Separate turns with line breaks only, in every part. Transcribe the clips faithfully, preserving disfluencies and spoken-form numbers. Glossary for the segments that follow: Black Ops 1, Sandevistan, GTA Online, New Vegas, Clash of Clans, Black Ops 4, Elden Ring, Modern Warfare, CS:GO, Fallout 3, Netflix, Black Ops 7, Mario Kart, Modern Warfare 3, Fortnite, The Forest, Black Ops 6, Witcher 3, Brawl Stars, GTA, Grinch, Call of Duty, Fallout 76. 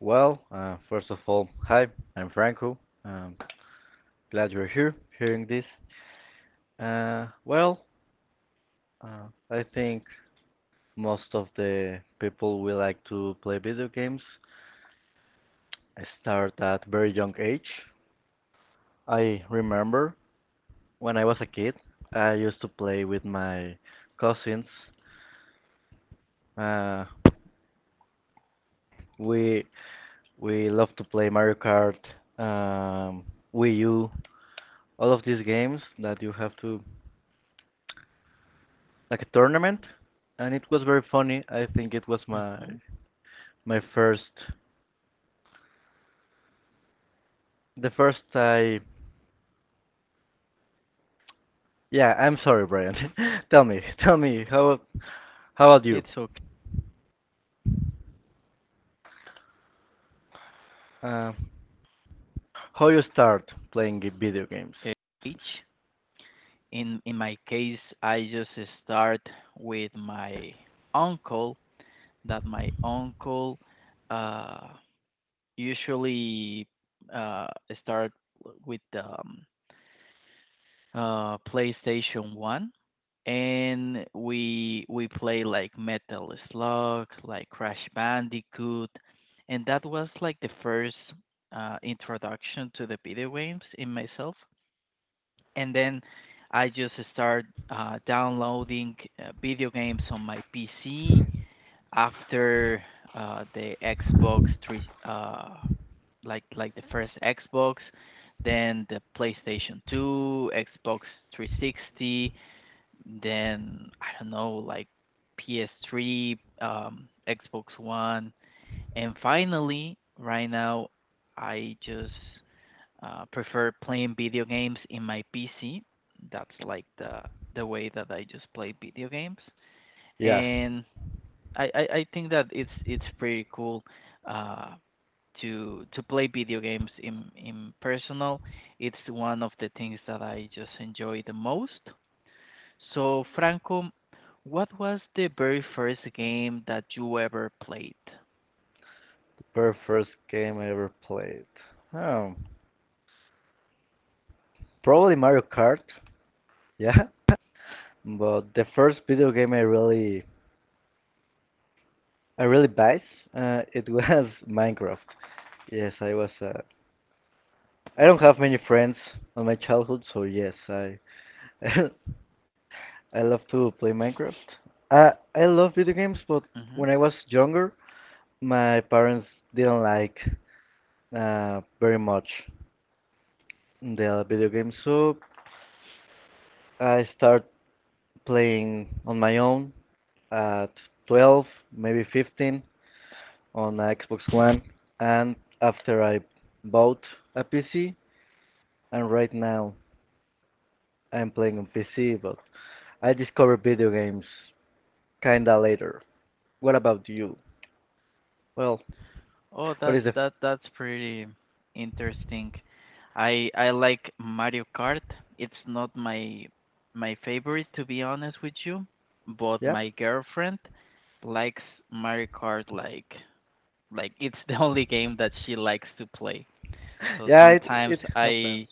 Well, uh, first of all, hi, I'm Franco. Um, Glad you're here, hearing this. Uh, well, uh, I think most of the people we like to play video games start at very young age. I remember when I was a kid, I used to play with my cousins. Uh, we we love to play Mario Kart, um, Wii U, all of these games that you have to like a tournament, and it was very funny. I think it was my my first, the first I. Yeah, I'm sorry, Brian. tell me, tell me how how about you? Uh, how you start playing video games? Yeah, the very first game I ever played. Oh, probably Mario Kart. Yeah, but the first video game I really I really buys uh, it was Minecraft. Yes, I was a I don't have many friends on my childhood, so yes, I I love to play Minecraft. I I love video games, but when I was younger, my parents didn't like uh, very much the video games, so I start playing on my own at twelve, maybe fifteen on a Xbox One, and after I bought a P C, and right now I'm playing on P C, but I discovered video games kinda later. What about you? Well, what is the yeah? Yeah, it it happens.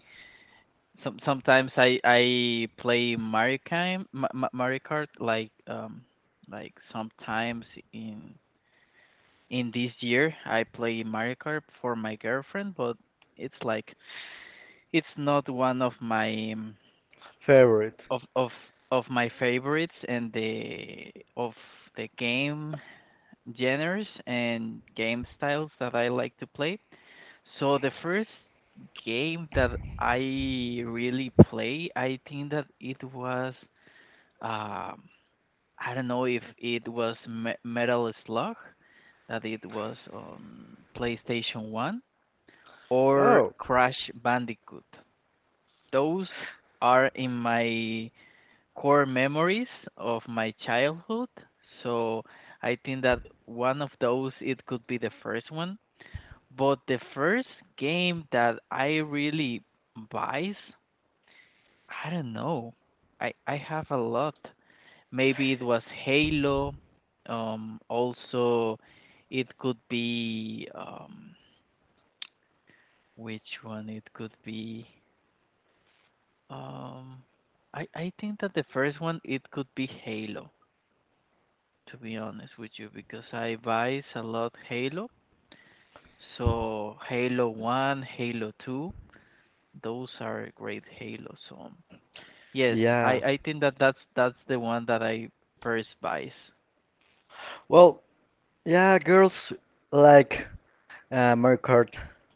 Favorite. Oh, yeah. Well, yeah, girls like uh, Mario Kart.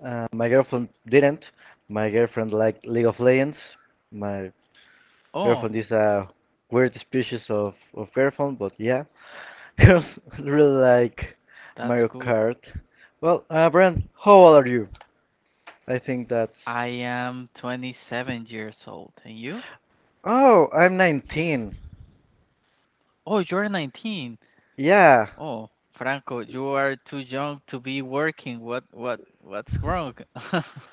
Uh, my girlfriend didn't. My girlfriend liked League of Legends. My girlfriend is a weird species of, of girlfriend, but yeah. Because really like Mario Kart. Well, uh, Brent, how old are you? I think that's. Oh, I'm nineteen. Yeah.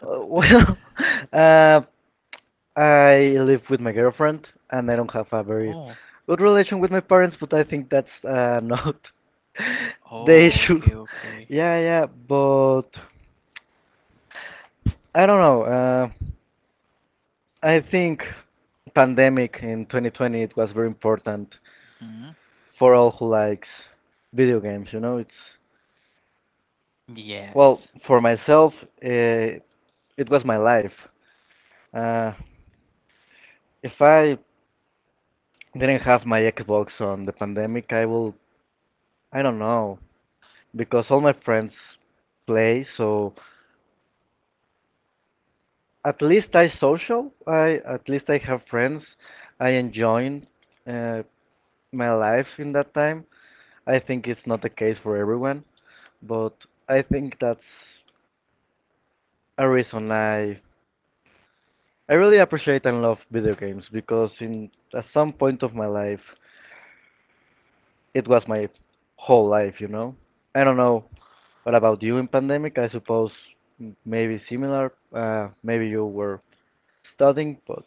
Uh, well, uh, I live with my girlfriend, and I don't have a very good relation with my parents, but I think that's uh, not the issue. Yeah, yeah, but I don't know. Uh, I think pandemic in twenty twenty it was very important for all who likes video games. You know, it's well for myself. Uh, it was my life. Uh, if I didn't have my Xbox on the pandemic, I will. I don't know because all my friends play. So at least I social. I at least I have friends. I enjoy uh, my life in that time. I think it's not the case for everyone, but I think that's a reason I I really appreciate and love video games because in at some point of my life it was my whole life, you know. I don't know what about you in pandemic. I suppose m- maybe similar. Uh, maybe you were studying, but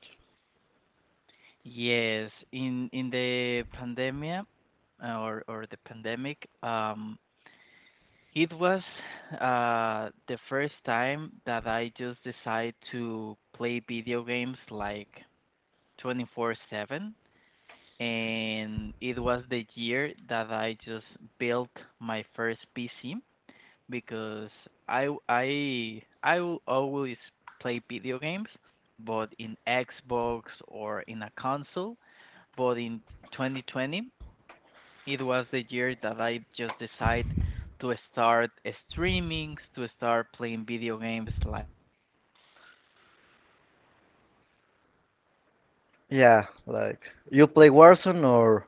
yeah, like you play Warzone or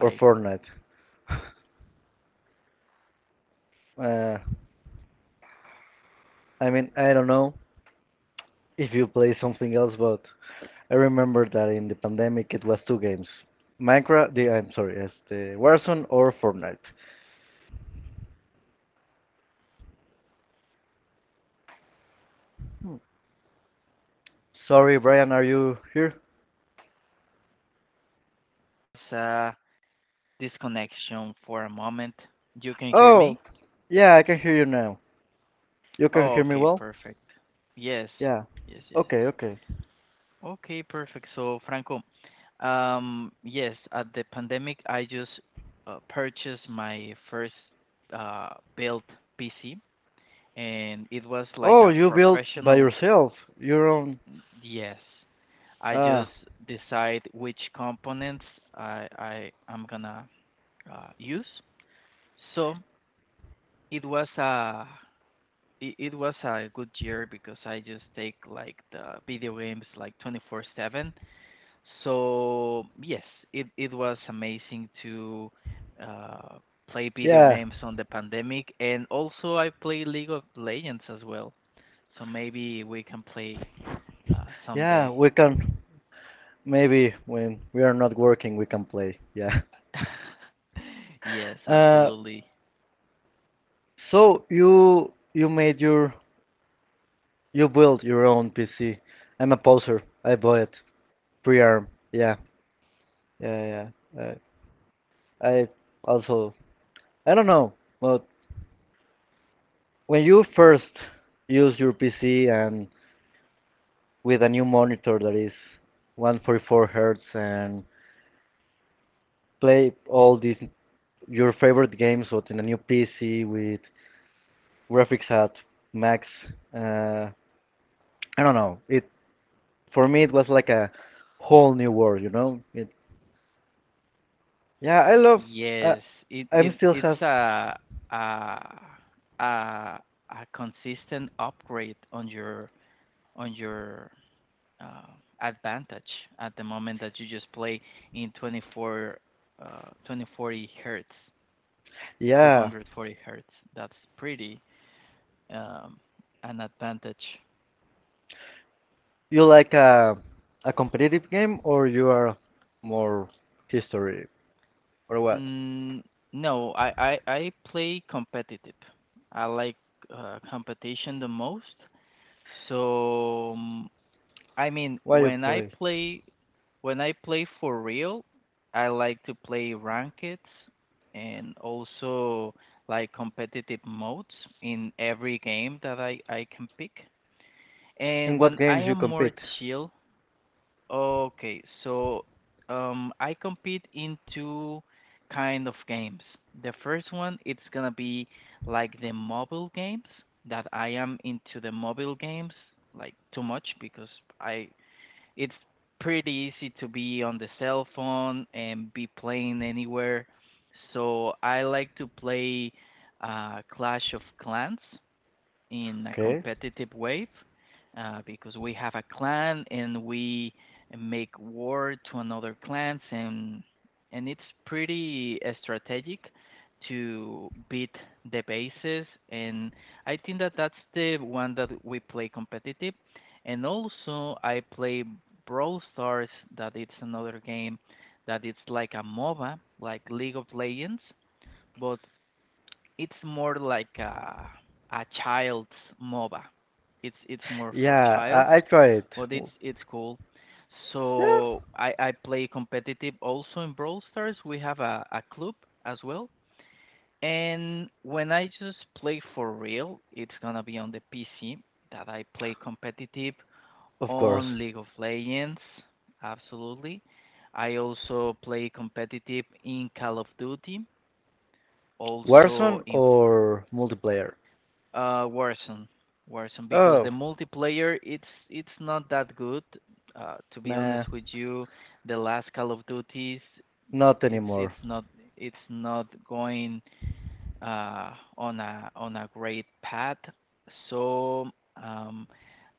or Fortnite. Uh, I mean, I don't know if you play something else, but I remember that in the pandemic it was two games: Minecraft. The I'm sorry, yes, the Warzone or Fortnite. Sorry, Brian, are you here?
Was a disconnection for a moment. You can hear
Oh,
me?
yeah, I can hear you now. You can
Oh,
hear me
okay,
well?
perfect. Yes,
Yeah.
yes, yes, yes.
Okay, okay.
Okay, perfect. So, Franco, um, yes, at the pandemic, I just uh, purchased my first uh, built P C, and it was like
Oh,
a
you built by
professional.
yourself your own.
Yes, I
Ah,
just decide which components I I am gonna uh, use. So it was a it, it was a good year because I just take like the video games like twenty-four seven. So yes, it it was amazing to uh, play video
yeah,
games on the pandemic, and also I play League of Legends as well. So maybe we can play uh,
yeah.
someday.
We can maybe when we are not working, we can play. Yeah.
yes,
Uh,
absolutely.
so you you made your you built your own P C. I'm a poser. I bought it pre-arm. Yeah, yeah, yeah. Uh, I also I don't know, but when you first use your P C and with a new monitor that is one forty-four hertz and play all these your favorite games but in a new P C with graphics at max, uh, I don't know. It For me it was like a whole new world, you know. It, Yeah, I love. Uh,
Yes, it
I'm
it
still has.
it's a a a a consistent upgrade on your on your uh, advantage at the moment that you just play in twenty-four uh, twenty forty hertz,
Yeah,
two forty hertz. That's pretty um, an advantage.
you like a a competitive game or you are more history or what?
mm, no, I, I i play competitive. I like uh, competition the most. So um, I mean,
Why you
when I
play?
play when I play for real, I like to play ranked and also like competitive modes in every game that I, I can pick.
In
And
what
when I
games you
am more
compete?
chill, okay, so um, I compete in two kind of games. The first one, it's gonna be like the mobile games that I am into the mobile games like too much because I it's pretty easy to be on the cell phone and be playing anywhere. So I like to play uh, Clash of Clans in a
Okay.
competitive way uh, because we have a clan and we make war to another clans, and and it's pretty uh, strategic to beat the bases. And I think that that's the one that we play competitive, and also I play Brawl Stars, that it's another game, that it's like a MOBA like League of Legends, but it's more like a a child's MOBA. It's it's more for
Yeah,
childs,
I, I tried it.
but
W-
it's it's cool.
Yeah,
So I I play competitive also in Brawl Stars. We have a a club as well. And when I just play for real, it's gonna be on the P C that I play competitive
of course.
on League of Legends. Absolutely. I also play competitive in Call of Duty, also
Warzone
in
or multiplayer?
Uh, Warzone, Warzone, because the
Oh,
multiplayer it's it's not that good. Uh, to be honest
nah,
with you, the last Call of Duties,
not
it's
anymore.
it's not it's not going uh, on a on a great path. So um,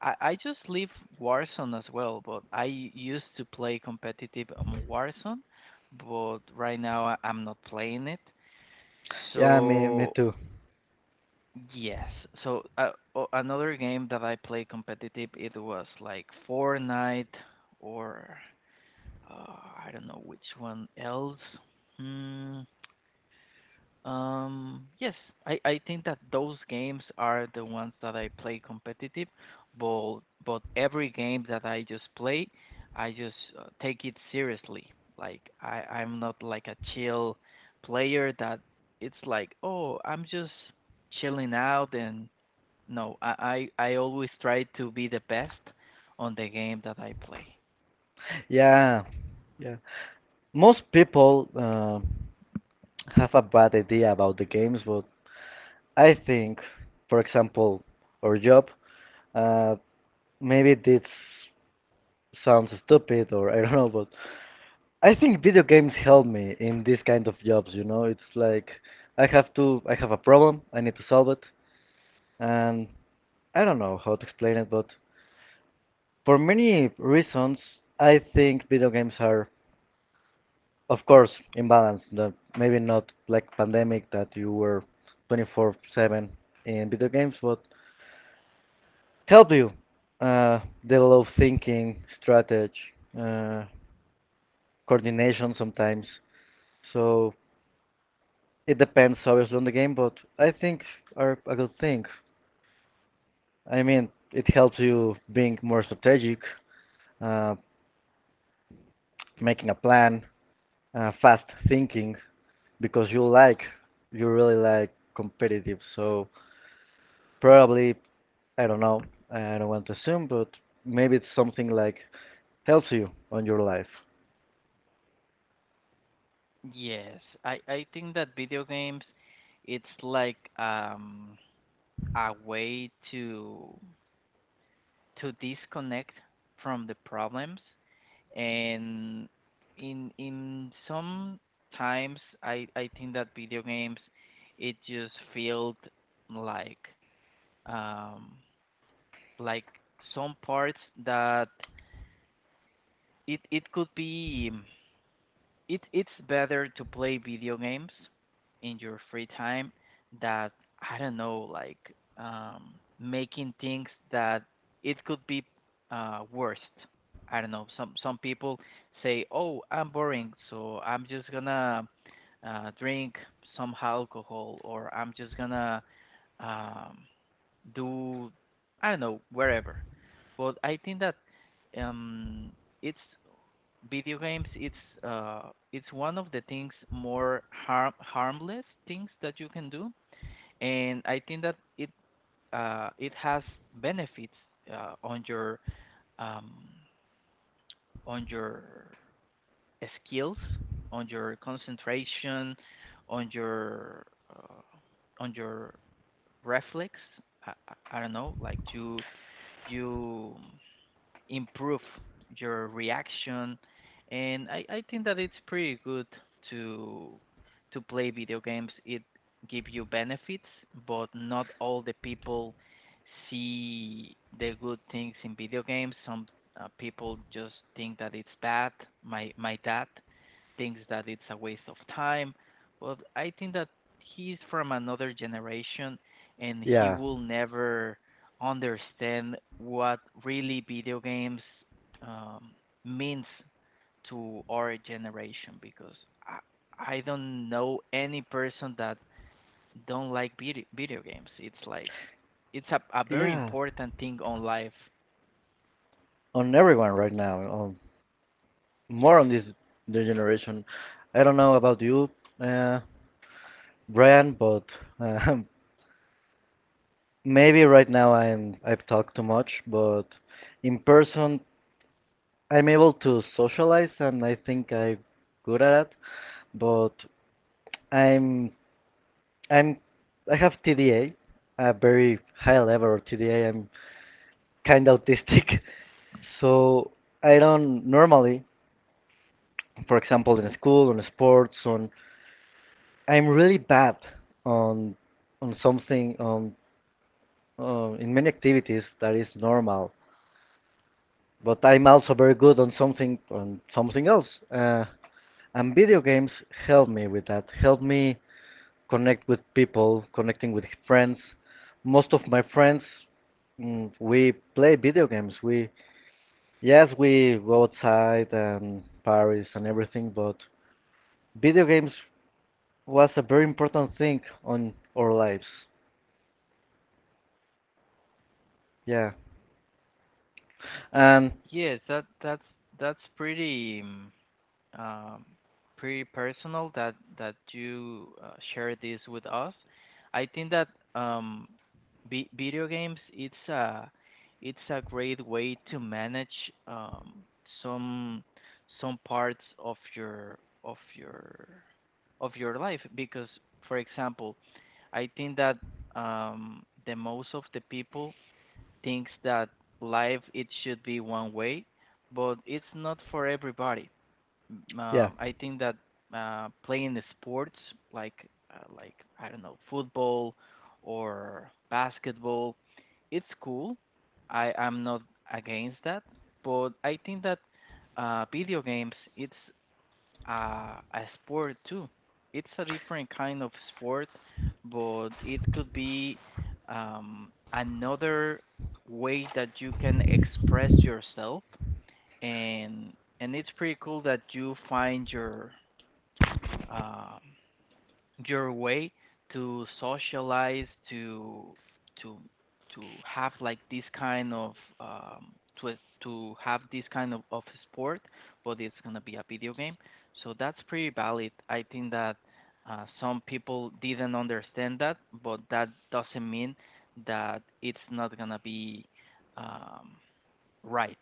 I I just leave Warzone as well, but I used to play competitive on Warzone, but right now I- I'm not playing it.
Yeah, me, me
So
too.
yes. So uh, o- another game that I play competitive, it was like Fortnite or uh, I don't know which one else. Hmm. Um. Yes, I I think that those games are the ones that I play competitive, but but every game that I just play, I just uh, take it seriously. Like I I'm not like a chill player that it's like, oh, I'm just chilling out and no, I, I I always try to be the best on the game that I play.
Yeah, yeah. Most people uh, have a bad idea about the games, but I think, for example, our job, uh, maybe this sounds stupid or I don't know, but I think video games help me in this kind of jobs, you know. It's like I have to I have a problem, I need to solve it, and I don't know how to explain it, but for many reasons, I think video games are of course imbalanced, the- maybe not like pandemic that you were twenty-four seven in video games, but help you uh develop thinking, strategy, uh coordination sometimes. So it depends obviously, on the game, but I think are a good thing. I mean, it helps you being more strategic, uh, making a plan, uh, fast thinking, because you like, you really like competitive. So probably, I don't know, I don't want to assume, but maybe it's something like helps you on your life.
Yes, I I think that video games it's like um a way to to disconnect from the problems, and in in some times I I think that video games it just felt like um like some parts that it it could be it it's better to play video games in your free time that I don't know, like, um, making things that it could be uh, worst. I don't know. Some some people say, "Oh, I'm boring, so I'm just gonna uh, drink some alcohol, or I'm just gonna um, do I don't know wherever." But I think that, um, it's, video games it's uh it's one of the things, more harm harmless things that you can do, and i think that it uh it has benefits uh, on your, um on your skills, on your concentration, on your uh, on your reflex. I, I I don't know, like you, you improve your reaction, and I, I think that it's pretty good to to play video games. It give you benefits, but not all the people see the good things in video games. Some uh, people just think that it's bad. My my dad thinks that it's a waste of time, but i think that he's from another generation, and he
Yeah,
will never understand what really video games um, means to our generation, because I, I don't know any person that don't like video, video games. It's like it's a, a very
yeah,
important thing on life.
on everyone right now. On more
Yes.
on this new generation. I don't know about you, uh, Brian, but um, maybe right now I'm I've talked too much, but in person I'm able to socialize and I think I'm good at it, but I'm I'm I have T D A, a a very high level of T D A. I'm kind of autistic, so I don't normally, for example, in school, on sports, on I'm really bad on on something on uh, in many activities that is normal, but I'm also very good on something on something else. Uh, and video games help me with that. Help me connect with people, connecting with friends. Most of my friends, mm, we play video games. We yes, we go outside and Paris and everything, but video games was a very important thing on our lives. Yeah, and
Yes, that that's that's pretty. um, Pretty personal, that that you uh, share this with us. I think that um, vi- video games it's a it's a great way to manage, um, some some parts of your of your of your life, because for example I think that um, the most of the people thinks that life it should be one way, but it's not for everybody. m-
yeah,
um, I think that uh, playing the sports, like uh, like I don't know, football or basketball, it's cool. I I'm not against that, but I think that uh, video games it's uh, a sport too. It's a different kind of sport, but it could be, um, another way that you can express yourself. And and it's pretty cool that you find your, um, your way to socialize, to to to have like this kind of, um, to to have this kind of, of sport, but it's gonna be a video game. So that's pretty valid. I think that uh, some people didn't understand that, but that doesn't mean that it's not gonna be. Um, Right.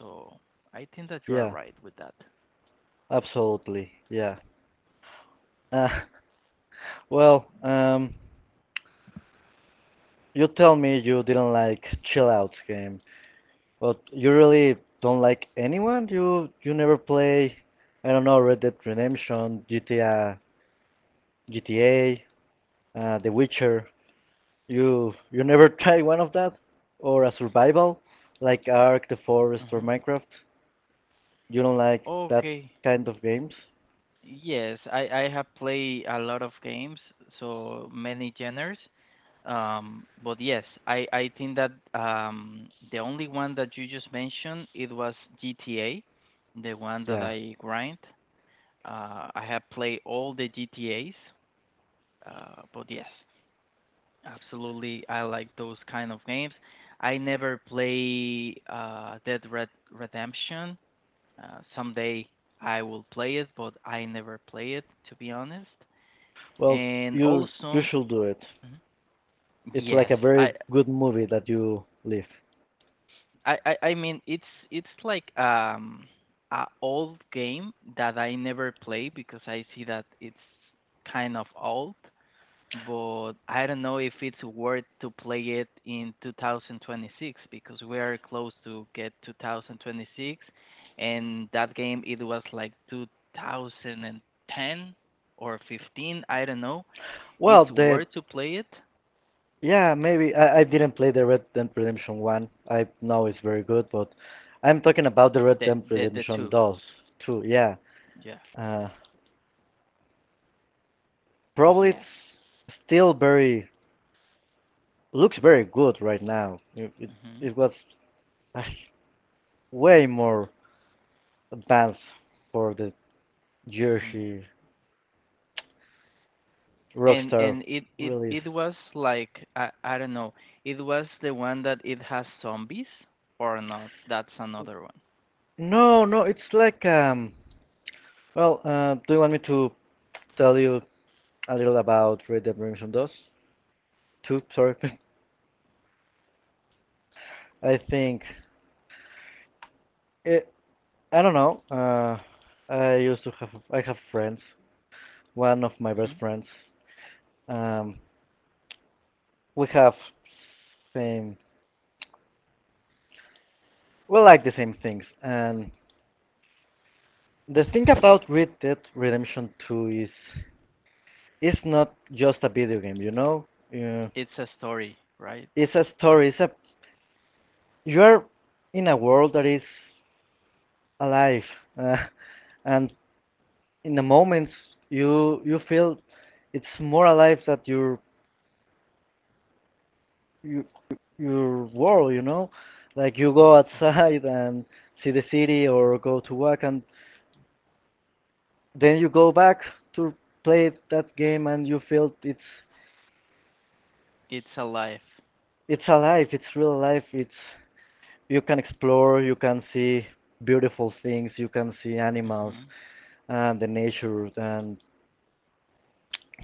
So I think that you are
yeah,
right with that.
absolutely, yeah. Uh, well, um, you tell me you didn't like Chill Out game, but you really don't like anyone? You you never play, I don't know, Red Dead Redemption, G T A, G T A, uh, The Witcher. You you never try one of that, or a survival like Ark, The Forest, or
Hmm.
Minecraft. You don't like that
Okay.
kind of games?
Yes, I, I have played a lot of games, so many genres. Um, but yes, I, I think that um, the only one that you just mentioned, it was G T A, the one that
Yeah.
I grind. Uh, I have played all the G T As, uh, but yes, absolutely, I like those kind of games. I never play uh, Dead Red Redemption. Uh, someday I will play it, but I never play it, to be honest.
Well,
And
you you
also,
should do it.
mhm,
It's
yes,
like a very
I,
good movie that you leave.
I, I I mean it's it's like um a old game that I never play, because I see that it's kind of old. But I don't know if it's worth to play it in twenty twenty-six, because we are close to get two thousand twenty-six, and that game it was like two thousand ten or fifteen, I don't know.
Well,
It's
the
worth to play it.
Yeah, maybe I, I didn't play the Red Dead Redemption one. I know it's very good, but I'm talking about the Red
The
Dead
the the
Redemption
two,
two. Too, yeah.
yeah,
Uh, Probably it's
yes.
still very looks very good right now. It it,
Hmm.
it was uh, way more advanced for the
Hmm.
Jersey
And
Rockstar
and it it
release.
it was like I I don't know. It was the one that it has zombies or not? That's another one.
No, no, it's like um. Well, uh, do you want me to tell you a little about Red Dead Redemption two? Tooth sorry, I think it, I don't know. Uh, I used to have I have friends. One of my best
Hmm?
friends. Um, we have same we like the same things. And the thing about Red Dead Redemption two is it's not just a video game. You know, uh,
It's a story, right?
it's a story. It's a You're in a world that is alive, uh, and in the moments you you feel it's more alive than your you, your world, you know? Like you go
Mhm.
outside and see the city or go to work and then you go back to play that game and you feel it's
It's a life.
it's alive, it's real life, it's you can explore, you can see beautiful things, you can see animals
Mhm,
and the nature and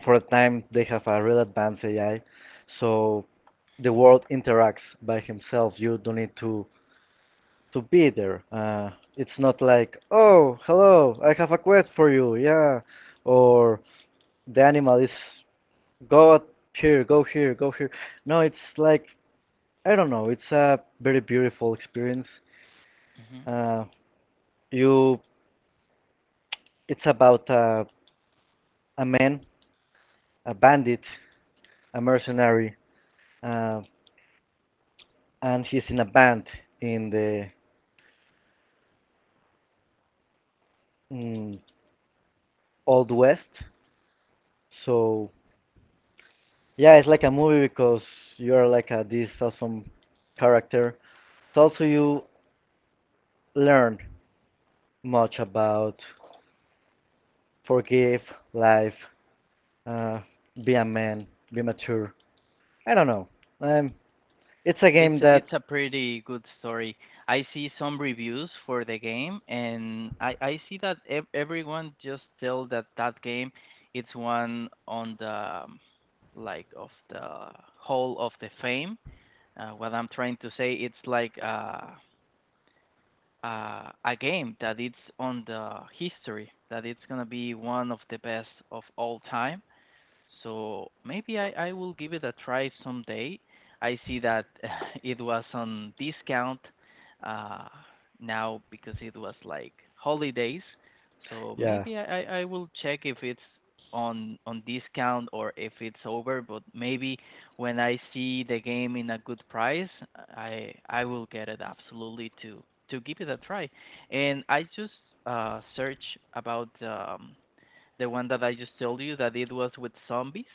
for a time they have a real advanced A I so the world interacts by himself. You don't need to to be there. Uh, it's not like, oh, hello, I have a quest for you, yeah, or the animal is go out here, go here, go here. No, it's like I don't know. It's a very beautiful experience.
mhm.
Uh, you, it's about uh, a man, a bandit, a mercenary, uh, and he's in a band in the mm, old west. So yeah, it's like a movie because you are like a, this awesome character. So also you learn much about forgive, life, uh, be a man, be mature. I don't know. Um, it's a
It's
game that
it's a pretty good story. I see some reviews for the game, and I I see that ev everyone just tell that that game, it's one on the, um, like, of the Hall of the Fame. Uh, what I'm trying to say, it's like, uh, uh, a game that it's on the history, that it's gonna be one of the best of all time. So maybe I, I will give it a try someday. I see that it was on discount uh, now, because it was like holidays. So
yeah.
maybe I, I I will check if it's on on discount or if it's over. But maybe when I see the game in a good price, I I will get it absolutely to to give it a try. And I just uh, search about. Um, the one that I just told you that it was with zombies,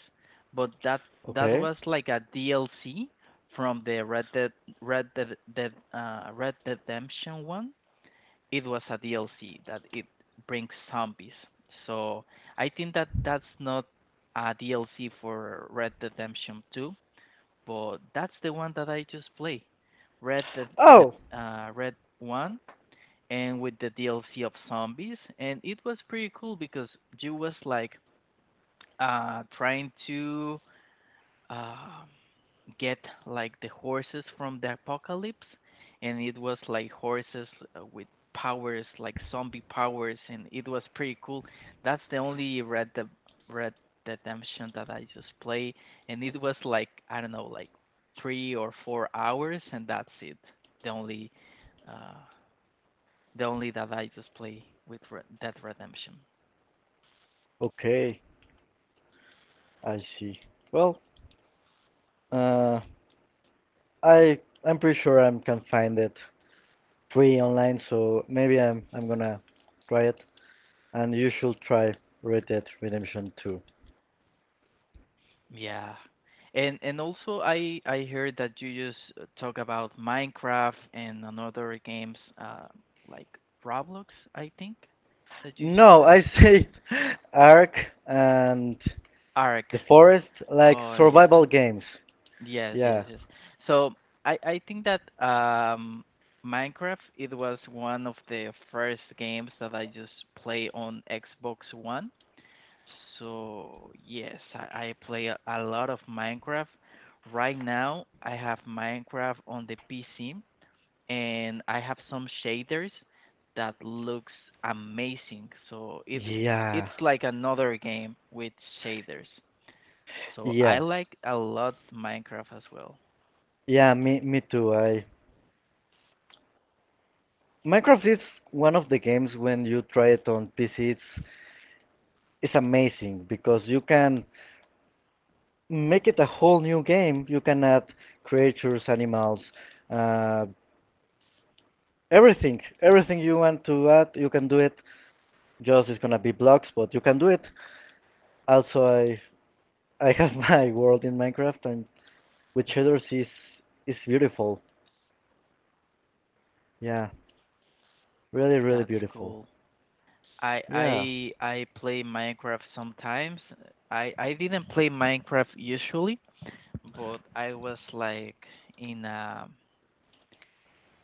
but that that
Okay.
was like a D L C from the Red Dead Red Dead, Dead uh, Red Dead Redemption one. It was a D L C that it brings zombies. So I think that that's not a D L C for Red Dead Redemption two, but that's the one that I just play. Red the the
Oh,
uh, Red One, and with the D L C of zombies, and it was pretty cool, because you was like uh, trying to um get like the horses from the apocalypse, and it was like horses uh, with powers, like zombie powers, and it was pretty cool. That's the only Red De- Red Redemption that I just play, and it was like I don't know, like three or four hours, and that's it. The only uh, the only that I just play with Red Dead Redemption.
okay. I see. Well, uh, I I'm pretty sure I can find it free online, so maybe I'm I'm gonna try it. And you should try Red Dead Redemption two.
Yeah. And and also I I heard that you just uh, talk about Minecraft and another games, uh like Roblox, I think that you just
No,
said.
I say Ark and
Ark.
The Forest like
Oh yeah.
survival games.
Yes, yes,
Yeah.
yes. So I I think that um Minecraft it was one of the first games that I just play on Xbox One. So yes, I, I play a, a lot of Minecraft. Right now, I have Minecraft on the P C, and I have some shaders that looks amazing. So it
Yeah.
it's like another game with shaders. So
Yeah.
I like a lot Minecraft as well.
Yeah, me me too. I Minecraft is one of the games when you try it on P C it's it's amazing because you can make it a whole new game. You can add creatures, animals, uh everything. Everything you want to add, you can do it. Just it's gonna be blocks, but you can do it. Also I I have my world in Minecraft and with
hmm
cheddars is is beautiful. Yeah, really, really
That's
beautiful.
cool. I
Yeah,
I I play Minecraft sometimes. I I didn't play Minecraft usually, but I was like in a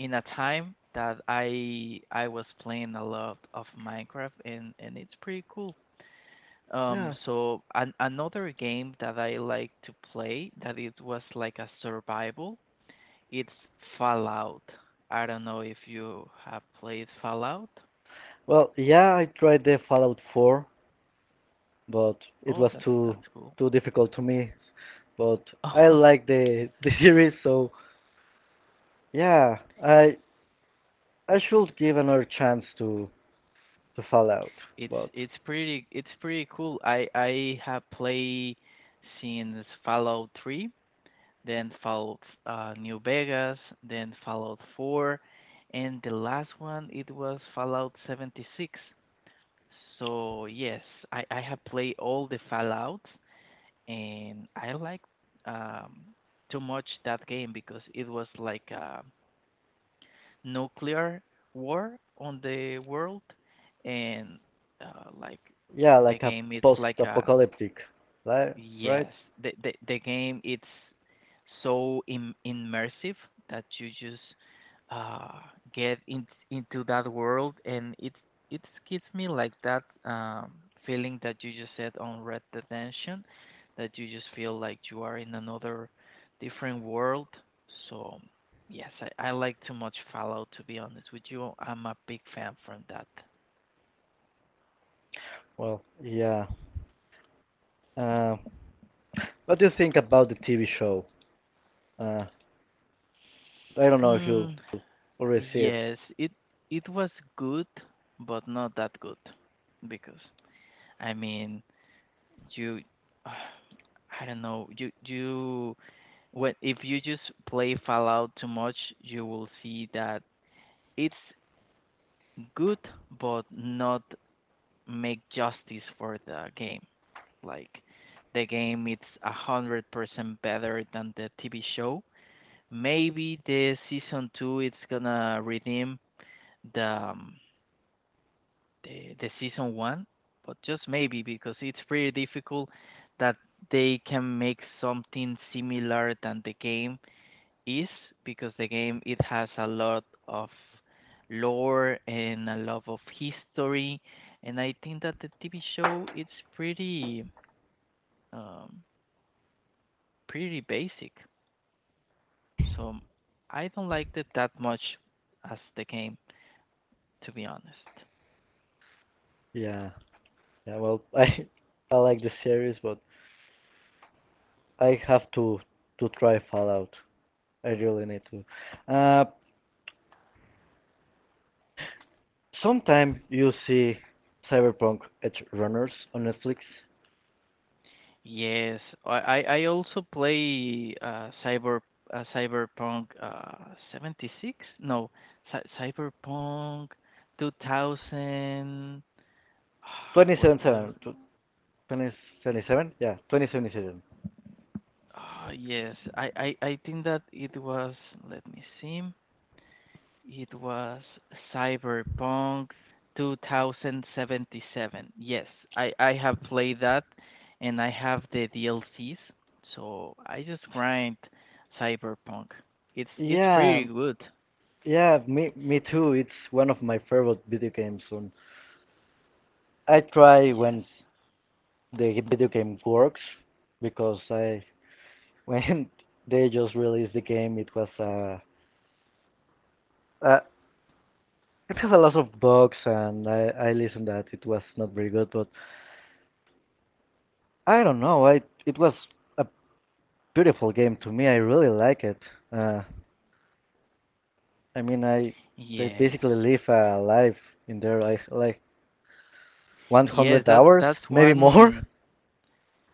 in a time that I I was playing a lot of Minecraft, and and it's pretty cool. Um,
yeah.
so an, another game that I like to play that it was like a survival. It's Fallout. I don't know if you have played Fallout.
Well, yeah, I tried the Fallout four, but it
Oh,
was
that
too
that's cool.
too difficult to me. But I
Oh,
like the the series, so yeah, I I should give another chance to to Fallout.
it's
But
it's pretty it's pretty cool. I I have played since Fallout three, then followed uh, New Vegas, then Fallout four, and the last one it was Fallout seventy-six. So yes, I, I have played all the Fallouts, and I like um, too much that game, because it was like a nuclear war on the world, and uh, like
yeah,
the
like a
game it's like a...
post-apocalyptic, li
Yes,
right?
the the, the game it's so Im- immersive that you just uh, get in, into that world, and it it gives me like that um, feeling that you just said on Red Dead Redemption, that you just feel like you are in another different world. So yes, I, I like too much Fallout, to be honest with you. I'm a big fan from that.
Well, yeah. Uh, what do you think about the T V show? Uh, I don't know if you already see it.
Yes, it it was good, but not that good, because I mean, you I don't know, you you when if you just play Fallout too much, you will see that it's good, but not make justice for the game. Like, the game it's a hundred percent better than the T V show. Maybe the season two it's gonna redeem the um, the, the season one, but just maybe, because it's pretty difficult that they can make something similar than the game is, because the game it has a lot of lore and a lot of history, and I think that the T V show it's pretty um, pretty basic. So I don't like it that much as the game, to be honest.
Yeah, yeah. Well, I I like the series, but I have to to try Fallout. I really need to. Uh, Sometime you see Cyberpunk Edge Runners on Netflix.
Yes, I I I also play uh, cyber uh, Cyberpunk uh, seventy-six? No, Cy Cyberpunk two thousand. What was?
twenty seventy-seven, tw- twenty seventy-seven, yeah, twenty seventy-seven.
Oh, yes. I I I think that it was. Let me see. It was Cyberpunk two thousand seventy-seven. Yes, I, I have played that, and I have the D L Cs. So I just grind Cyberpunk. It's it's
Yeah,
pretty good.
yeah, me me too. It's one of my favorite video games. And I try
Yes.
when the video game works because I when they just released the game, it was uh, I It has a lot of bugs, and I, I listened that it was not very good, but I don't know. I it was a beautiful game to me. I really like it. Uh, I mean, I I
Yes.
basically live a life in there, like like
Yes,
one hundred
that
hours,
that's
maybe more.
one...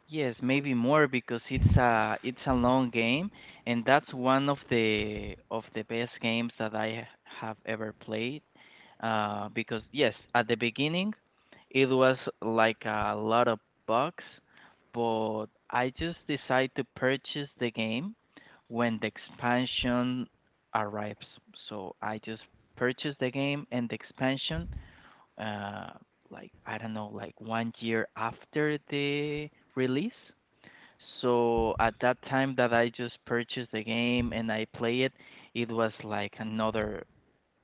Yes, maybe more, because it's a it's a long game, and that's one of the of the best games that I ha- have ever played. Uh, because yes, at the beginning, it was like a lot of bugs, but I just decided to purchase the game when the expansion arrives. So I just purchased the game and the expansion, uh, like I don't know, like one year after the release. So at that time that I just purchased the game and I play it, it was like another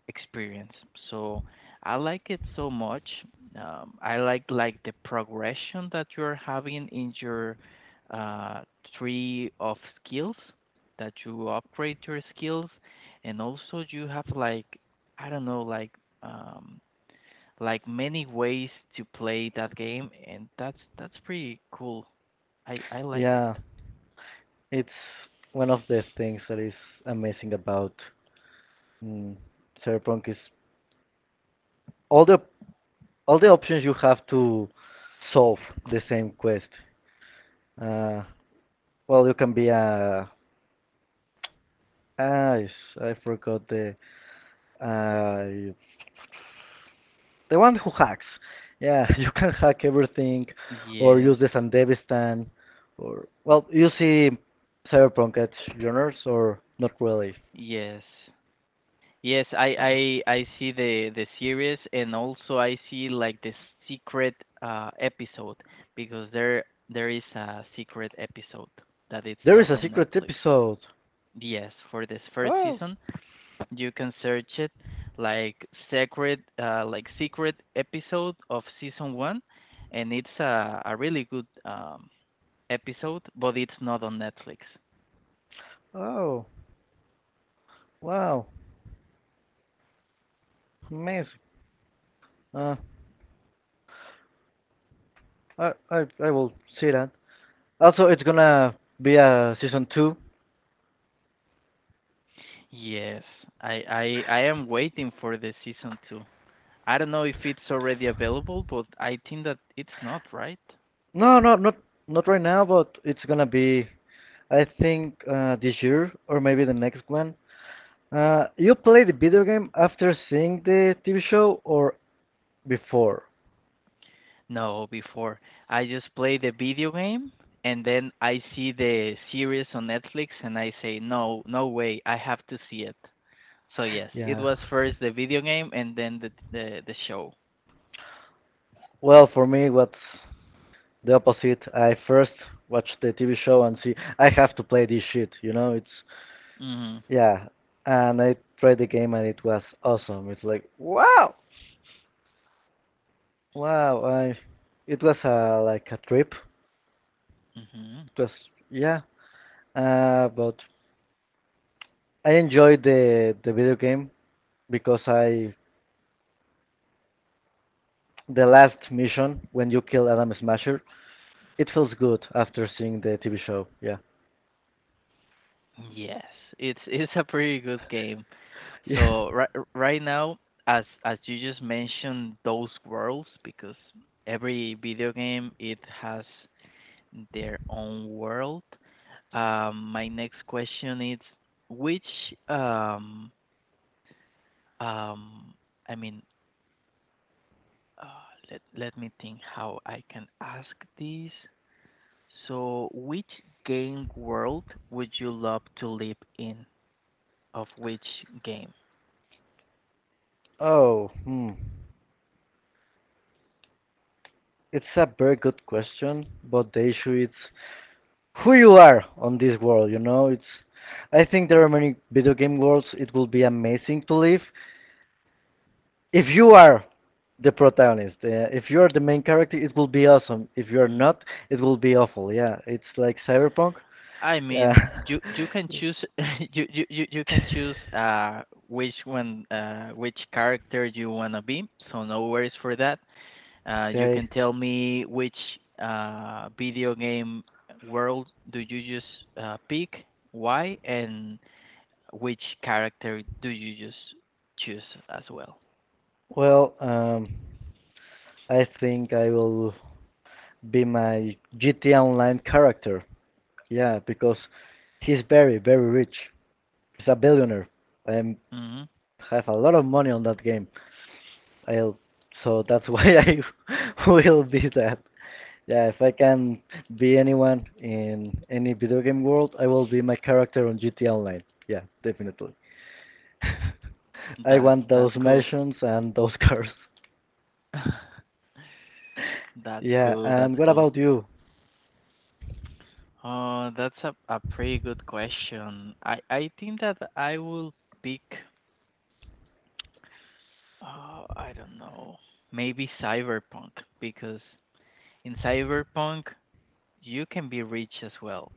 experience. So I like it so much. Um, I like like the progression that you're having in your uh, tree of skills, that you upgrade your skills, and also you have like, I don't know, like um, like many ways to play that game, and that's that's pretty cool. I I liked it.
Yeah, it's one of the things that is amazing about mm, Cyberpunk is all the all the options you have to solve the same quest. Uh, well, you can be a I I forgot the uh the one who hacks. Yeah, you can hack everything, or use
Yes.
the Sandevistan, or well, you see Cyberpunk at genres or not really.
Yes. Yes, I
Uh,
I I see the the series, and also I see like the secret uh episode, because there there is a secret episode that it's
there is
not
a
on
secret
Netflix.
episode.
Yes, for this first
Oh,
season, you can search it like secret uh like secret episode of season one, and it's a a really good um episode, but it's not on Netflix.
oh, wow, amazing. Uh, I I I will see that. Also, it's gonna be a season two.
Yes, I, I I am waiting for the season two. I don't know if it's already available, but I think that it's not, right?
No, no, not not right now, but it's gonna be I think uh, this year or maybe the next one. Uh, you play the video game after seeing the T V show or before?
No, before. I just play the video game, and then I see the series on Netflix, and I say, no, no way, I have to see it. So yes, it
Yeah.
was first the video game and then the the, the show.
Well, for me, what's the opposite? I first watch the T V show and see I have to play this shit. You know, it's
Mhm.
yeah. And I tried the game and it was awesome. It's like wow, wow. I it was uh, like a trip.
Mhm.
It was yeah. Uh, but I enjoyed the the video game because I the last mission when you kill Adam Smasher. It feels good after seeing the T V show. Yeah.
Yes, it's it's a pretty good game.
Yeah.
So right right now, as as you just mentioned those worlds, because every video game it has their own world. Um, my next question is which um um I mean uh, let let me think how I can ask this. So which game world would you love to live in? Of which game?
Oh, hmm. It's a very good question, but the issue is who you are on this world, you know? It's I think there are many video game worlds it will be amazing to live. If you are the protagonist, uh, if you are the main character, it will be awesome. If you are
Mm-hmm.
not, it will be awful. Yeah, it's like Cyberpunk.
I
Uh,
mean, you you can choose you you you you can choose uh which one uh which character you wanna be. So no worries for that. Uh, you can
okay.
tell me which uh video game world do you just uh, pick, why, and which character do you just choose as well.
Well, um, I think I will be my G T A Online character. Yeah, because he's very, very rich. He's a billionaire. I
hmm
have a lot of money on that game. I'll, so that's why I will be that. Yeah, if I can be anyone in any video game world, I will be my character on G T A Online. Yeah, definitely. I
That's
want those
that's cool.
mansions and those cars.
That's
Yeah,
cool. That's
and what
cool.
about you?
Uh, that's a, a pretty good question. I, I think that I will pick, uh, I don't know, maybe Cyberpunk, because in Cyberpunk, you can be rich as well.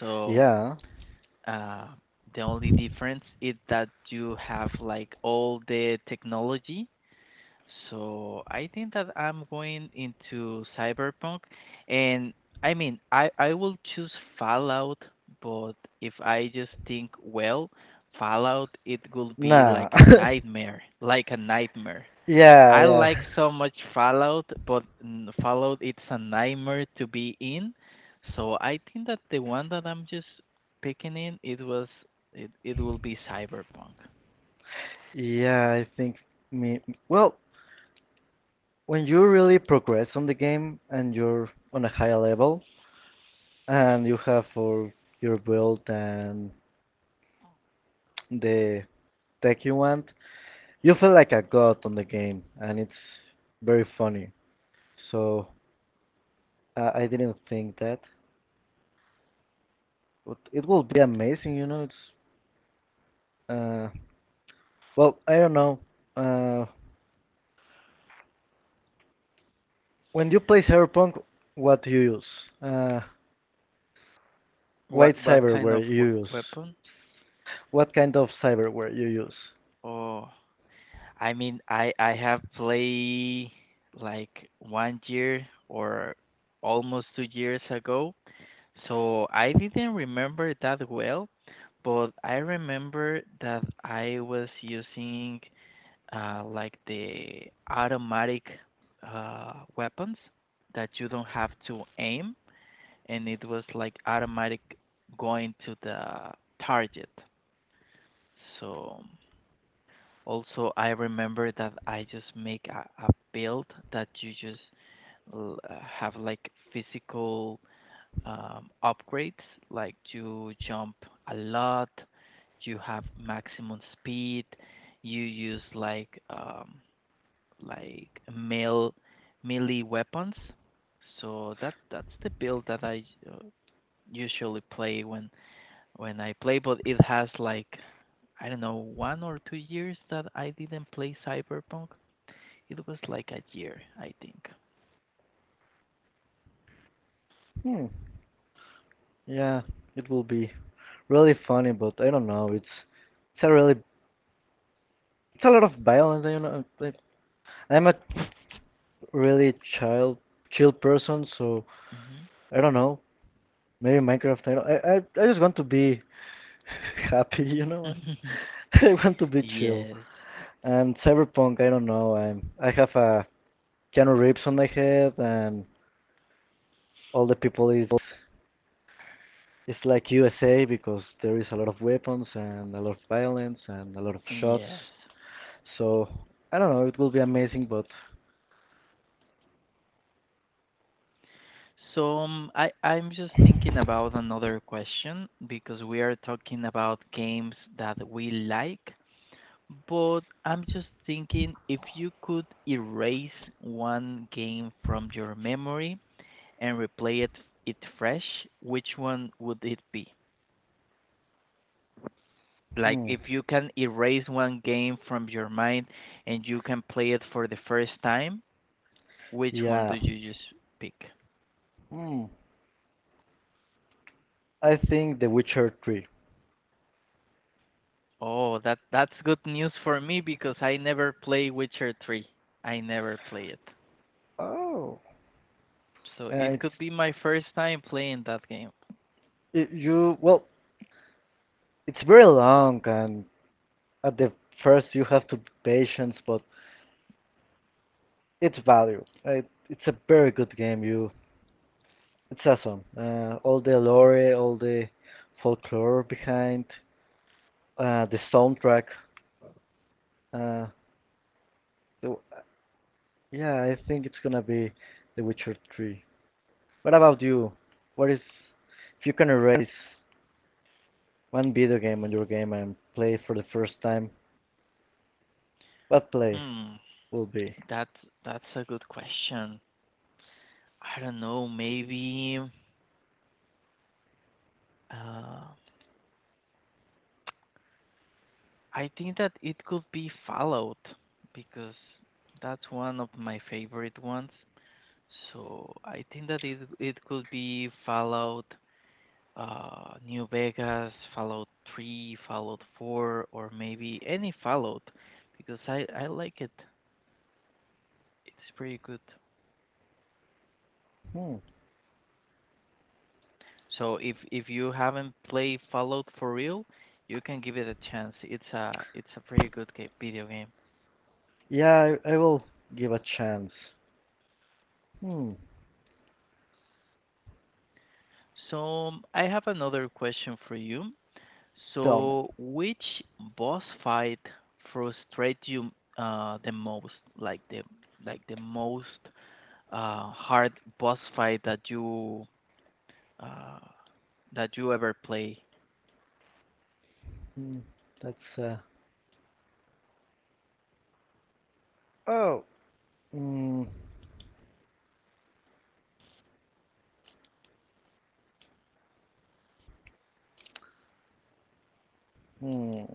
So
Yeah.
uh, the only difference is that you have like all the technology. So I think that I'm going into cyberpunk, and I mean, I I will choose Fallout, but if I just think well, Fallout it will be
Nah.
like a nightmare, like a nightmare.
Yeah,
I
yeah.
like so much Fallout, but mm, Fallout it's a nightmare to be in. So I think that the one that I'm just picking in it was, it it will be cyberpunk.
Yeah, I think me. Well, when you really progress on the game and you're on a higher level and you have for your build and the tech you want, you feel like a god on the game, and it's very funny. So uh, I didn't think that, but it will be amazing, you know. It's uh, well, I don't know. Uh, when you play Cyberpunk, what do you use? Uh,
What
What
what kind
cyberware
of
you
we-
use?
weapon,
What kind of cyberware you use?
or? I mean, I I have played like one year or almost two years ago, so I didn't remember that well, but I remember that I was using uh, like the automatic uh, weapons that you don't have to aim, and it was like automatic going to the target. So. Also, I remember that I just make a, a build that you just l- uh, have like physical um, upgrades, like you jump a lot, you have maximum speed, you use like um, like mele melee weapons. So that that's the build that I uh, usually play when when I play, but it has like, I don't know, one or two years that I didn't play Cyberpunk. It was like a year, I think.
Hmm. Yeah, it will be really funny, but I don't know. It's it's a really it's a lot of violence. You know, like, I'm a really child chill person, so
hmm
I don't know. Maybe Minecraft. I don't, I, I I just want to be happy. You know, I want to be chill.
Yes.
And Cyberpunk, I don't know. I'm I have a Keanu Reeves on my head, and all the people is It's like U S A because there is a lot of weapons and a lot of violence and a lot of shots.
Yes.
So I don't know. It will be amazing, but
So um, I I'm just thinking about another question, because we are talking about games that we like, but I'm just thinking, if you could erase one game from your memory and replay it it fresh, which one would it be? Like
hmm,
if you can erase one game from your mind and you can play it for the first time, which one do
yeah,
you just pick?
hmm. I think The Witcher Three.
Oh, that that's good news for me, because I never play Witcher three. I never play it.
Oh,
So
and
it
it's
could be my first time playing that game.
it, you. Well, it's very long, and at the first you have to be patient, but it's value. It, it's a very good game. You, it's awesome. Uh, all the lore, all the folklore behind, uh, the soundtrack. Uh, So, uh, yeah, I think it's gonna be The Witcher three. What about you? What is, if you can erase one video game on your game and play it for the first time, what play
Hmm.
will be?
That that's a good question. I don't know, maybe uh I think that it could be Fallout, because that's one of my favorite ones. So I think that it it could be Fallout uh, New Vegas, Fallout three, Fallout four, or maybe any Fallout, because I, I like it. It's pretty good.
Hmm.
So if if you haven't played Fallout for real, you can give it a chance. It's a it's a pretty good game, video game.
Yeah, I, I will give a chance. Hmm.
So um, I have another question for you.
Tell me.
So which boss fight frustrate you uh, the most? Like the like the most uh, hard boss fight that you uh, that you ever play?
Hmm. That's uh. Oh. Hmm. Hmm.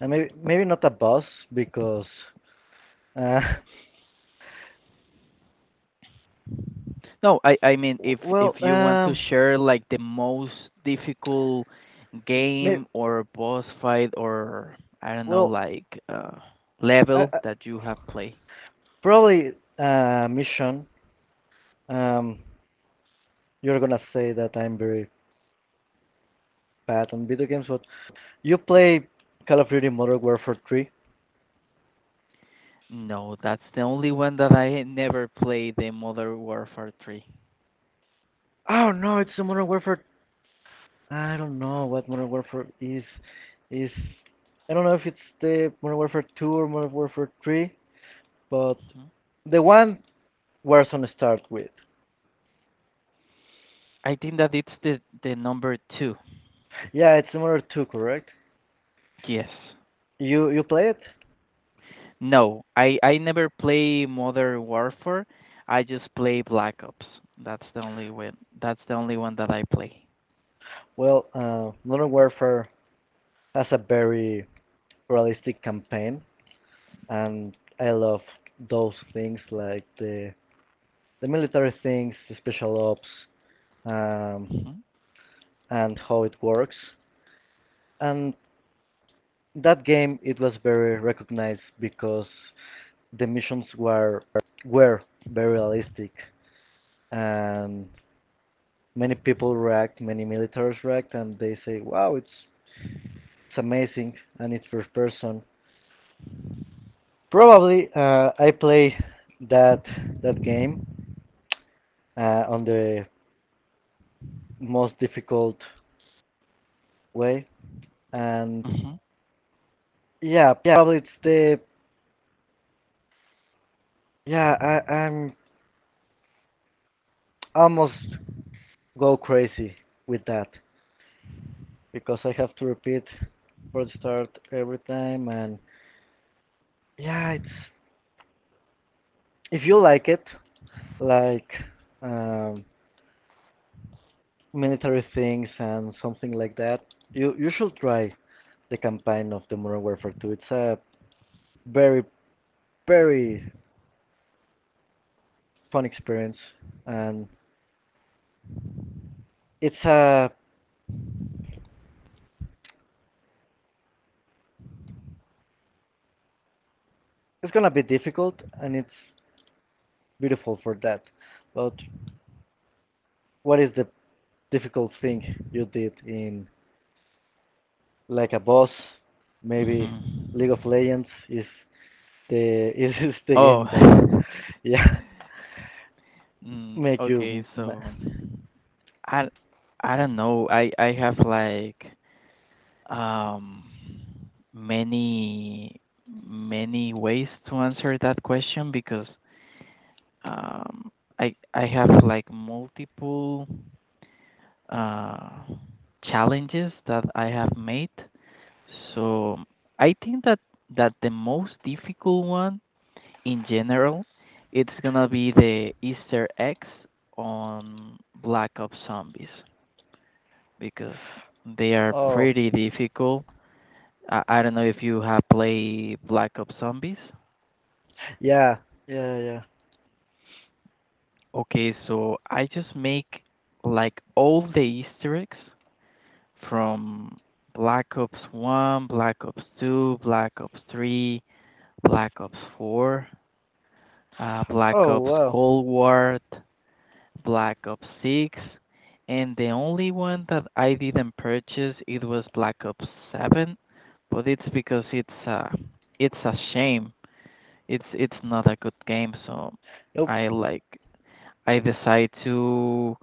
And maybe maybe not a boss because uh.
No, I I mean,
w-
if
Well
if you want to
um.
share like the most difficult
May,
game or boss fight or I don't know
well
like uh
I,
level
I,
that you have played.
Probably uh mission Um, you're gonna say that I'm very bad on video games, but you play Call of Duty Modern Warfare three?
No, that's the only one that I never played, the Modern Warfare three.
Oh no, it's the Modern Warfare. I don't know what Modern Warfare is. Is I don't know if it's the Modern Warfare two or Modern Warfare three, but
Mhm.
the one Warzone start with.
I think that it's the the number two.
Yeah, it's Modern two, correct?
Yes.
You you play it?
No, I I never play Modern Warfare. I just play Black Ops. That's the only one. That's the only one that I play.
Well, uh, Modern Warfare has a very realistic campaign, and I love those things like the the military things, the special ops, um,
Mhm.
and how it works. And that game it was very recognized because the missions were were very realistic and many people react, many militaries react, and they say, "Wow, it's it's amazing and it's first person." Probably uh, I play that that game uh, on the most difficult way, and
Mhm.
yeah, yeah, probably it's the Yeah, I, I'm almost go crazy with that because I have to repeat for the start every time, and yeah, it's if you like it, like um, military things and something like that, you you should try the campaign of the Modern Warfare two. It's a very very fun experience, and it's uh it's gonna be difficult, and it's beautiful for that. But what is the difficult thing you did in like a boss, maybe
Mhm.
League of Legends is the is the
Oh.
game that yeah
Mm,
make you
okay,
ma-
so I I don't know. I I have like um many many ways to answer that question, because um I I have like multiple uh, challenges that I have made. So I think that that the most difficult one in general, it's gonna be the Easter eggs on Black Ops Zombies, because they are
oh
pretty difficult. I, I don't know if you have played Black Ops Zombies.
yeah yeah yeah
Okay, so I just make like all the Easter eggs from Black Ops one, Black Ops two, Black Ops three, Black Ops four, uh, Black
oh
Ops
wow
Cold War, Black Ops six, and the only one that I didn't purchase it was Black Ops seven, but it's because it's uh it's a shame. It's it's not a good game, so
nope
I like I decide to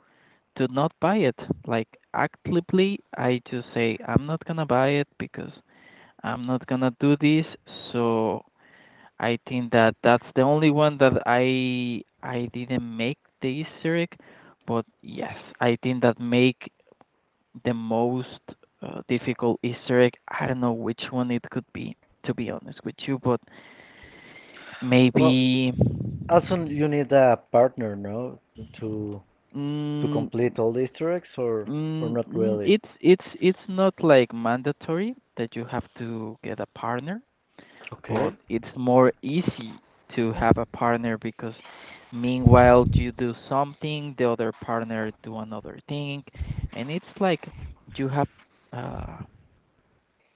to not buy it. Like, actively, I just say I'm not gonna buy it, because I'm not gonna do this. So I think that that's the only one that I I didn't make the Easter egg, but yes, I think that make the most uh, difficult Easter egg. I don't know which one it could be, to be honest with you, but
well
maybe
also you need a partner no to to
mm,
complete all the Easter eggs or or
mm,
not
mm,
really
it's it's it's not like mandatory that you have to get a partner, but
okay
it's more easy to have a partner because meanwhile you do something, the other partner do another thing, and it's like you have uh,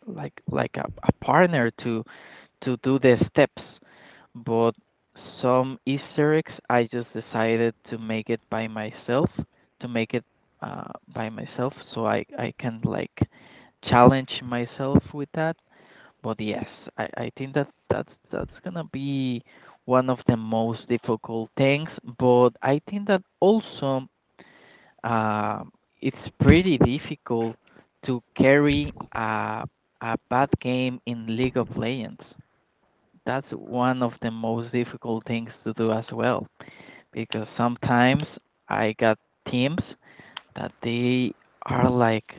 like like a, a partner to to do the steps. But some Easter eggs, I just decided to make it by myself, to make it uh, by myself, so I I can like challenge myself with that. But yes, I, I think that that's that's gonna be one of the most difficult things. But I think that also um, it's pretty difficult to carry a a bad game in League of Legends. That's one of the most difficult things to do as well, because sometimes I got teams that they are like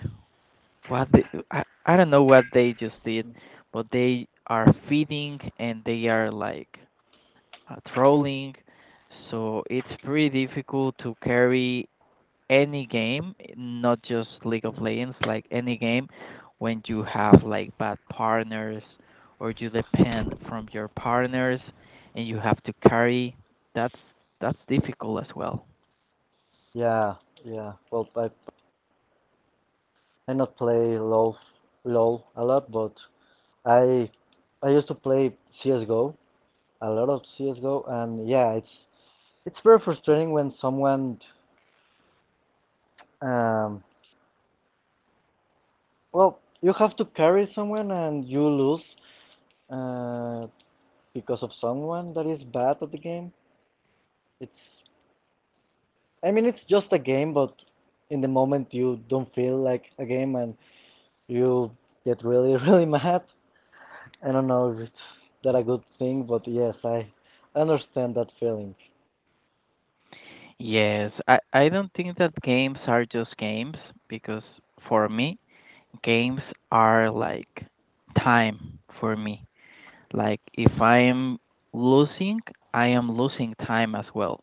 what the, I, I don't know what they just did, but they are feeding and they are like uh, trolling. So it's pretty difficult to carry any game, not just League of Legends, like any game when you have like bad partners or you depend from your partners and you have to carry. That's that's difficult as well.
yeah yeah well I I not play LOL LOL a lot but I I used to play C S G O a lot of C S G O, and yeah, it's it's very frustrating when someone, um, well, you have to carry someone and you lose uh, because of someone that is bad at the game. It's, I mean, it's just a game, but in the moment you don't feel like a game and you get really, really mad. I don't know if it's that a good thing, but yes, I understand that feeling.
Yes, I, I don't think that games are just games because for me games are like time for me. Like if I am losing, I am losing time as well.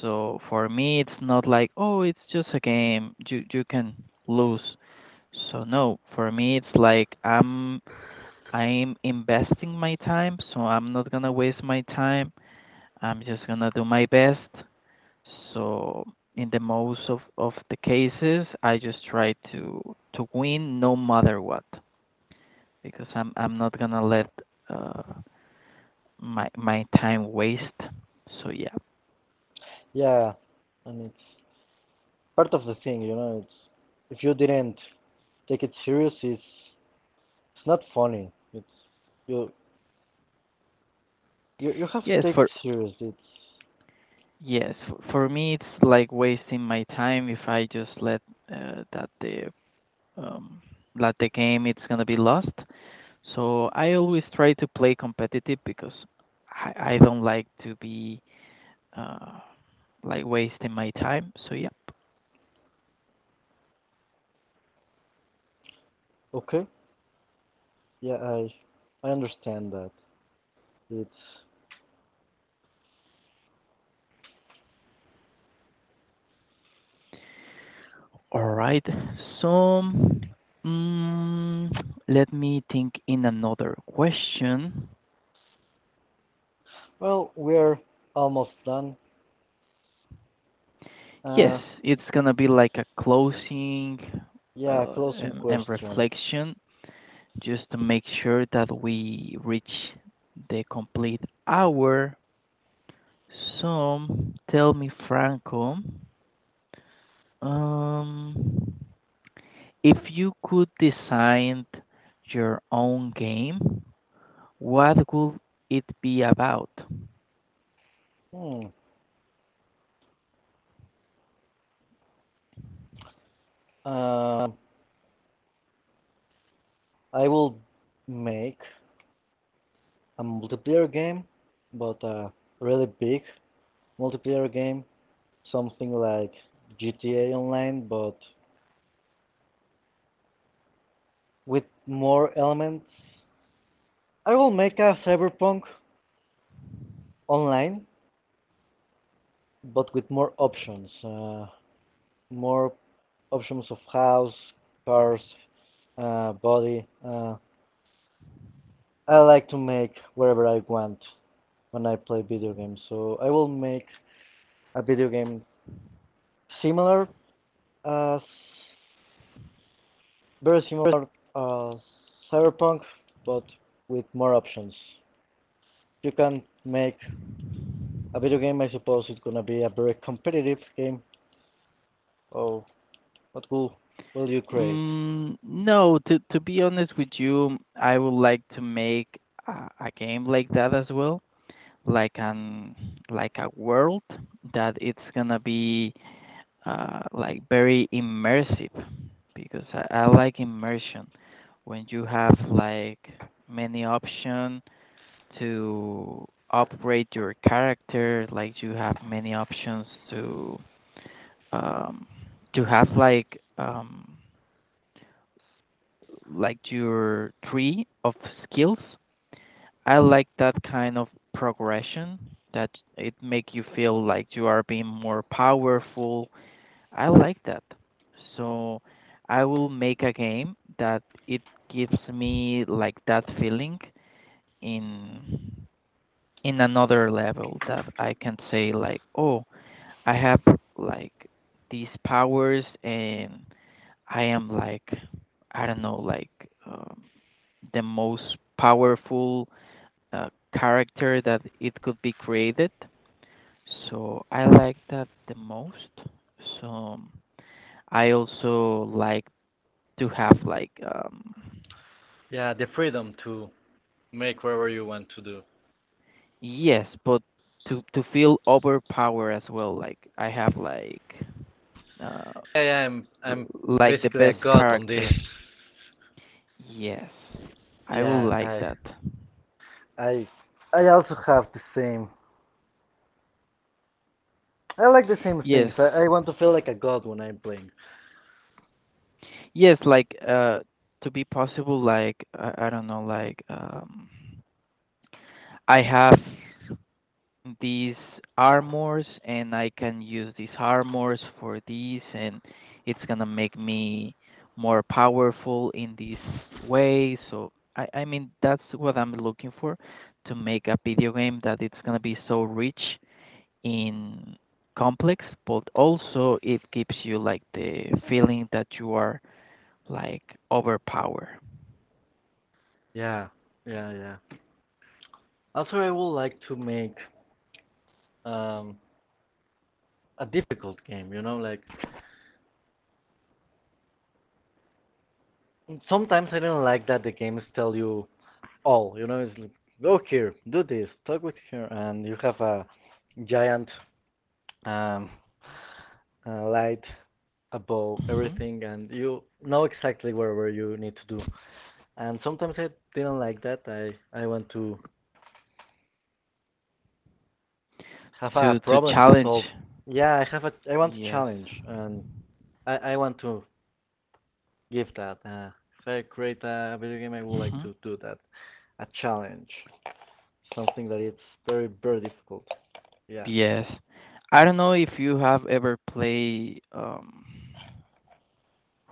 So for me, it's not like, oh, it's just a game. You you can lose. So no, for me, it's like I'm I'm investing my time, so I'm not gonna waste my time. I'm just gonna do my best. So in the most of, of the cases, I just try to to win no matter what because I'm I'm not gonna let uh, my my time waste. So yeah,
Yeah, and it's part of the thing, you know. It's if you didn't take it serious It's it's not funny. It's you you You have to
yes
take it
for
serious. It's
yes for, for me it's like wasting my time if I just let uh, that the um, let the game it's gonna be lost. So I always try to play competitive because I, I don't like to be uh, like wasting my time. So yeah,
okay. Yeah, I I understand that. It's
all right. So mm, let me think in another question.
well, we're almost done.
Yes,
Uh,
it's gonna be like a closing
yeah,
uh,
closing
and, and
question.
reflection, just to make sure that we reach the complete hour. So tell me, Franco, um, if you could design your own game, what would it be about?
Hmm. Uh, I will make a multiplayer game, but a really big multiplayer game, something like G T A Online, but with more elements. I will make a cyberpunk online, but with more options, uh, more options of house, cars, uh, body. Uh, I like to make whatever I want when I play video games, so I will make a video game similar as very similar uh, Cyberpunk, but with more options. You can make a video game. I suppose it's gonna be a very competitive game. Oh, what will will you create?
Mm, no, to to be honest with you, I would like to make a, a game like that as well. Like an like a world that it's gonna be uh, like very immersive, because I, I like immersion when you have like many options to upgrade your character, like you have many options to um, to have like um, like your tree of skills. I like that kind of progression that it make you feel like you are being more powerful. I like that. So I will make a game that it gives me like that feeling in in another level, that I can say like, "Oh, I have like these powers and I am like, I don't know, like um, the most powerful uh, character that it could be created." So I like that the most. So I also like to have like um,
Yeah, the freedom to make whatever you want to do.
yes, but to to feel overpowered as well. Like I have like uh
Yeah, yeah, I'm I'm
like the
basically a
best
god on this.
character. Yes. I will
Yeah,
like
I,
that.
I, I also have the same. I like the same
Yes.
things. I, I want to feel like a god when I'm playing.
Yes, like uh, to be possible like, I, I don't know like, um, I have these armors and I can use these armors for these, and it's gonna make me more powerful in this way. So I, I mean that's what I'm looking for: to make a video game that it's gonna be so rich in complex, but also it gives you like the feeling that you are like overpowered.
Yeah, yeah, yeah. Also, I would like to make um a difficult game. You know, like sometimes I don't like that the games tell you all. You know, it's like go here, do this, talk with here, and you have a giant um, uh, light above
Mhm.
everything, and you know exactly where where you need to do. And sometimes I didn't like that. I I want to have a
To to
problem to
challenge.
solve. Yeah, I have a I want a
Yes.
challenge, and I I want to give that. Uh, if I create a video game, I would like
Mhm.
to do that. A challenge, something that it's very very difficult. Yeah,
Yes. I don't know if you have ever played um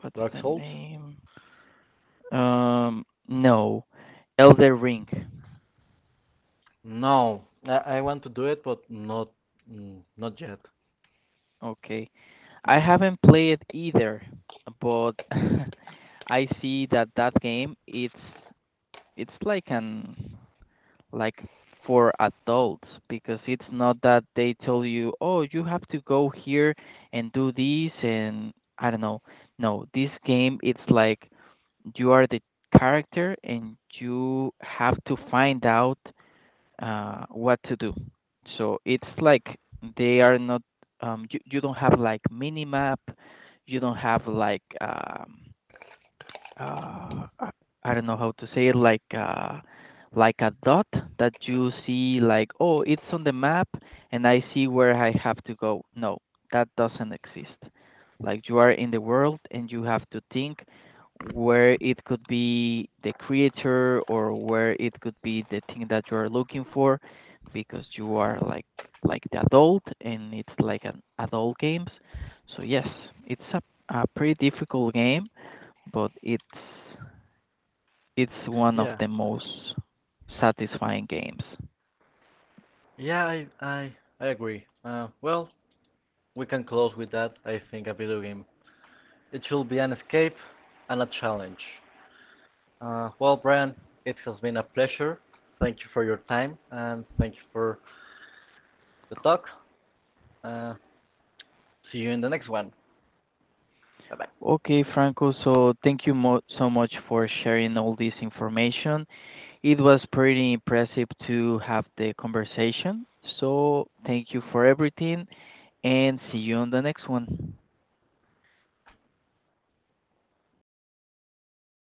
what's
Dark
the
Souls.
name? Um, no. Elder Ring.
No, I I want to do it, but not mm, not yet.
Okay. I haven't played it either, but I see that that game it's it's like an like for adults, because it's not that they tell you, "Oh, you have to go here and do this and I don't know." No, this game it's like you are the character and you have to find out uh, what to do. So it's like they are not um, you, you don't have like minimap, you don't have like um, uh, I I don't know how to say it, like uh, like a dot that you see, like, oh, it's on the map, and I see where I have to go. No, that doesn't exist. Like you are in the world, and you have to think where it could be the creator or where it could be the thing that you are looking for, because you are like like the adult, and it's like an adult games. So yes, it's a, a pretty difficult game, but it's it's one of
Yeah.
the most satisfying games.
Yeah, I I, I agree. Uh, well, we can close with that. I think a video game. It should be an escape and a challenge. Uh, well, Brian, it has been a pleasure. Thank you for your time and thank you for the talk. Uh, See you in the next one. Bye bye.
Okay, Franco, so thank you mo- so much for sharing all this information. It was pretty impressive to have the conversation. So, thank you for everything and see you on the next one.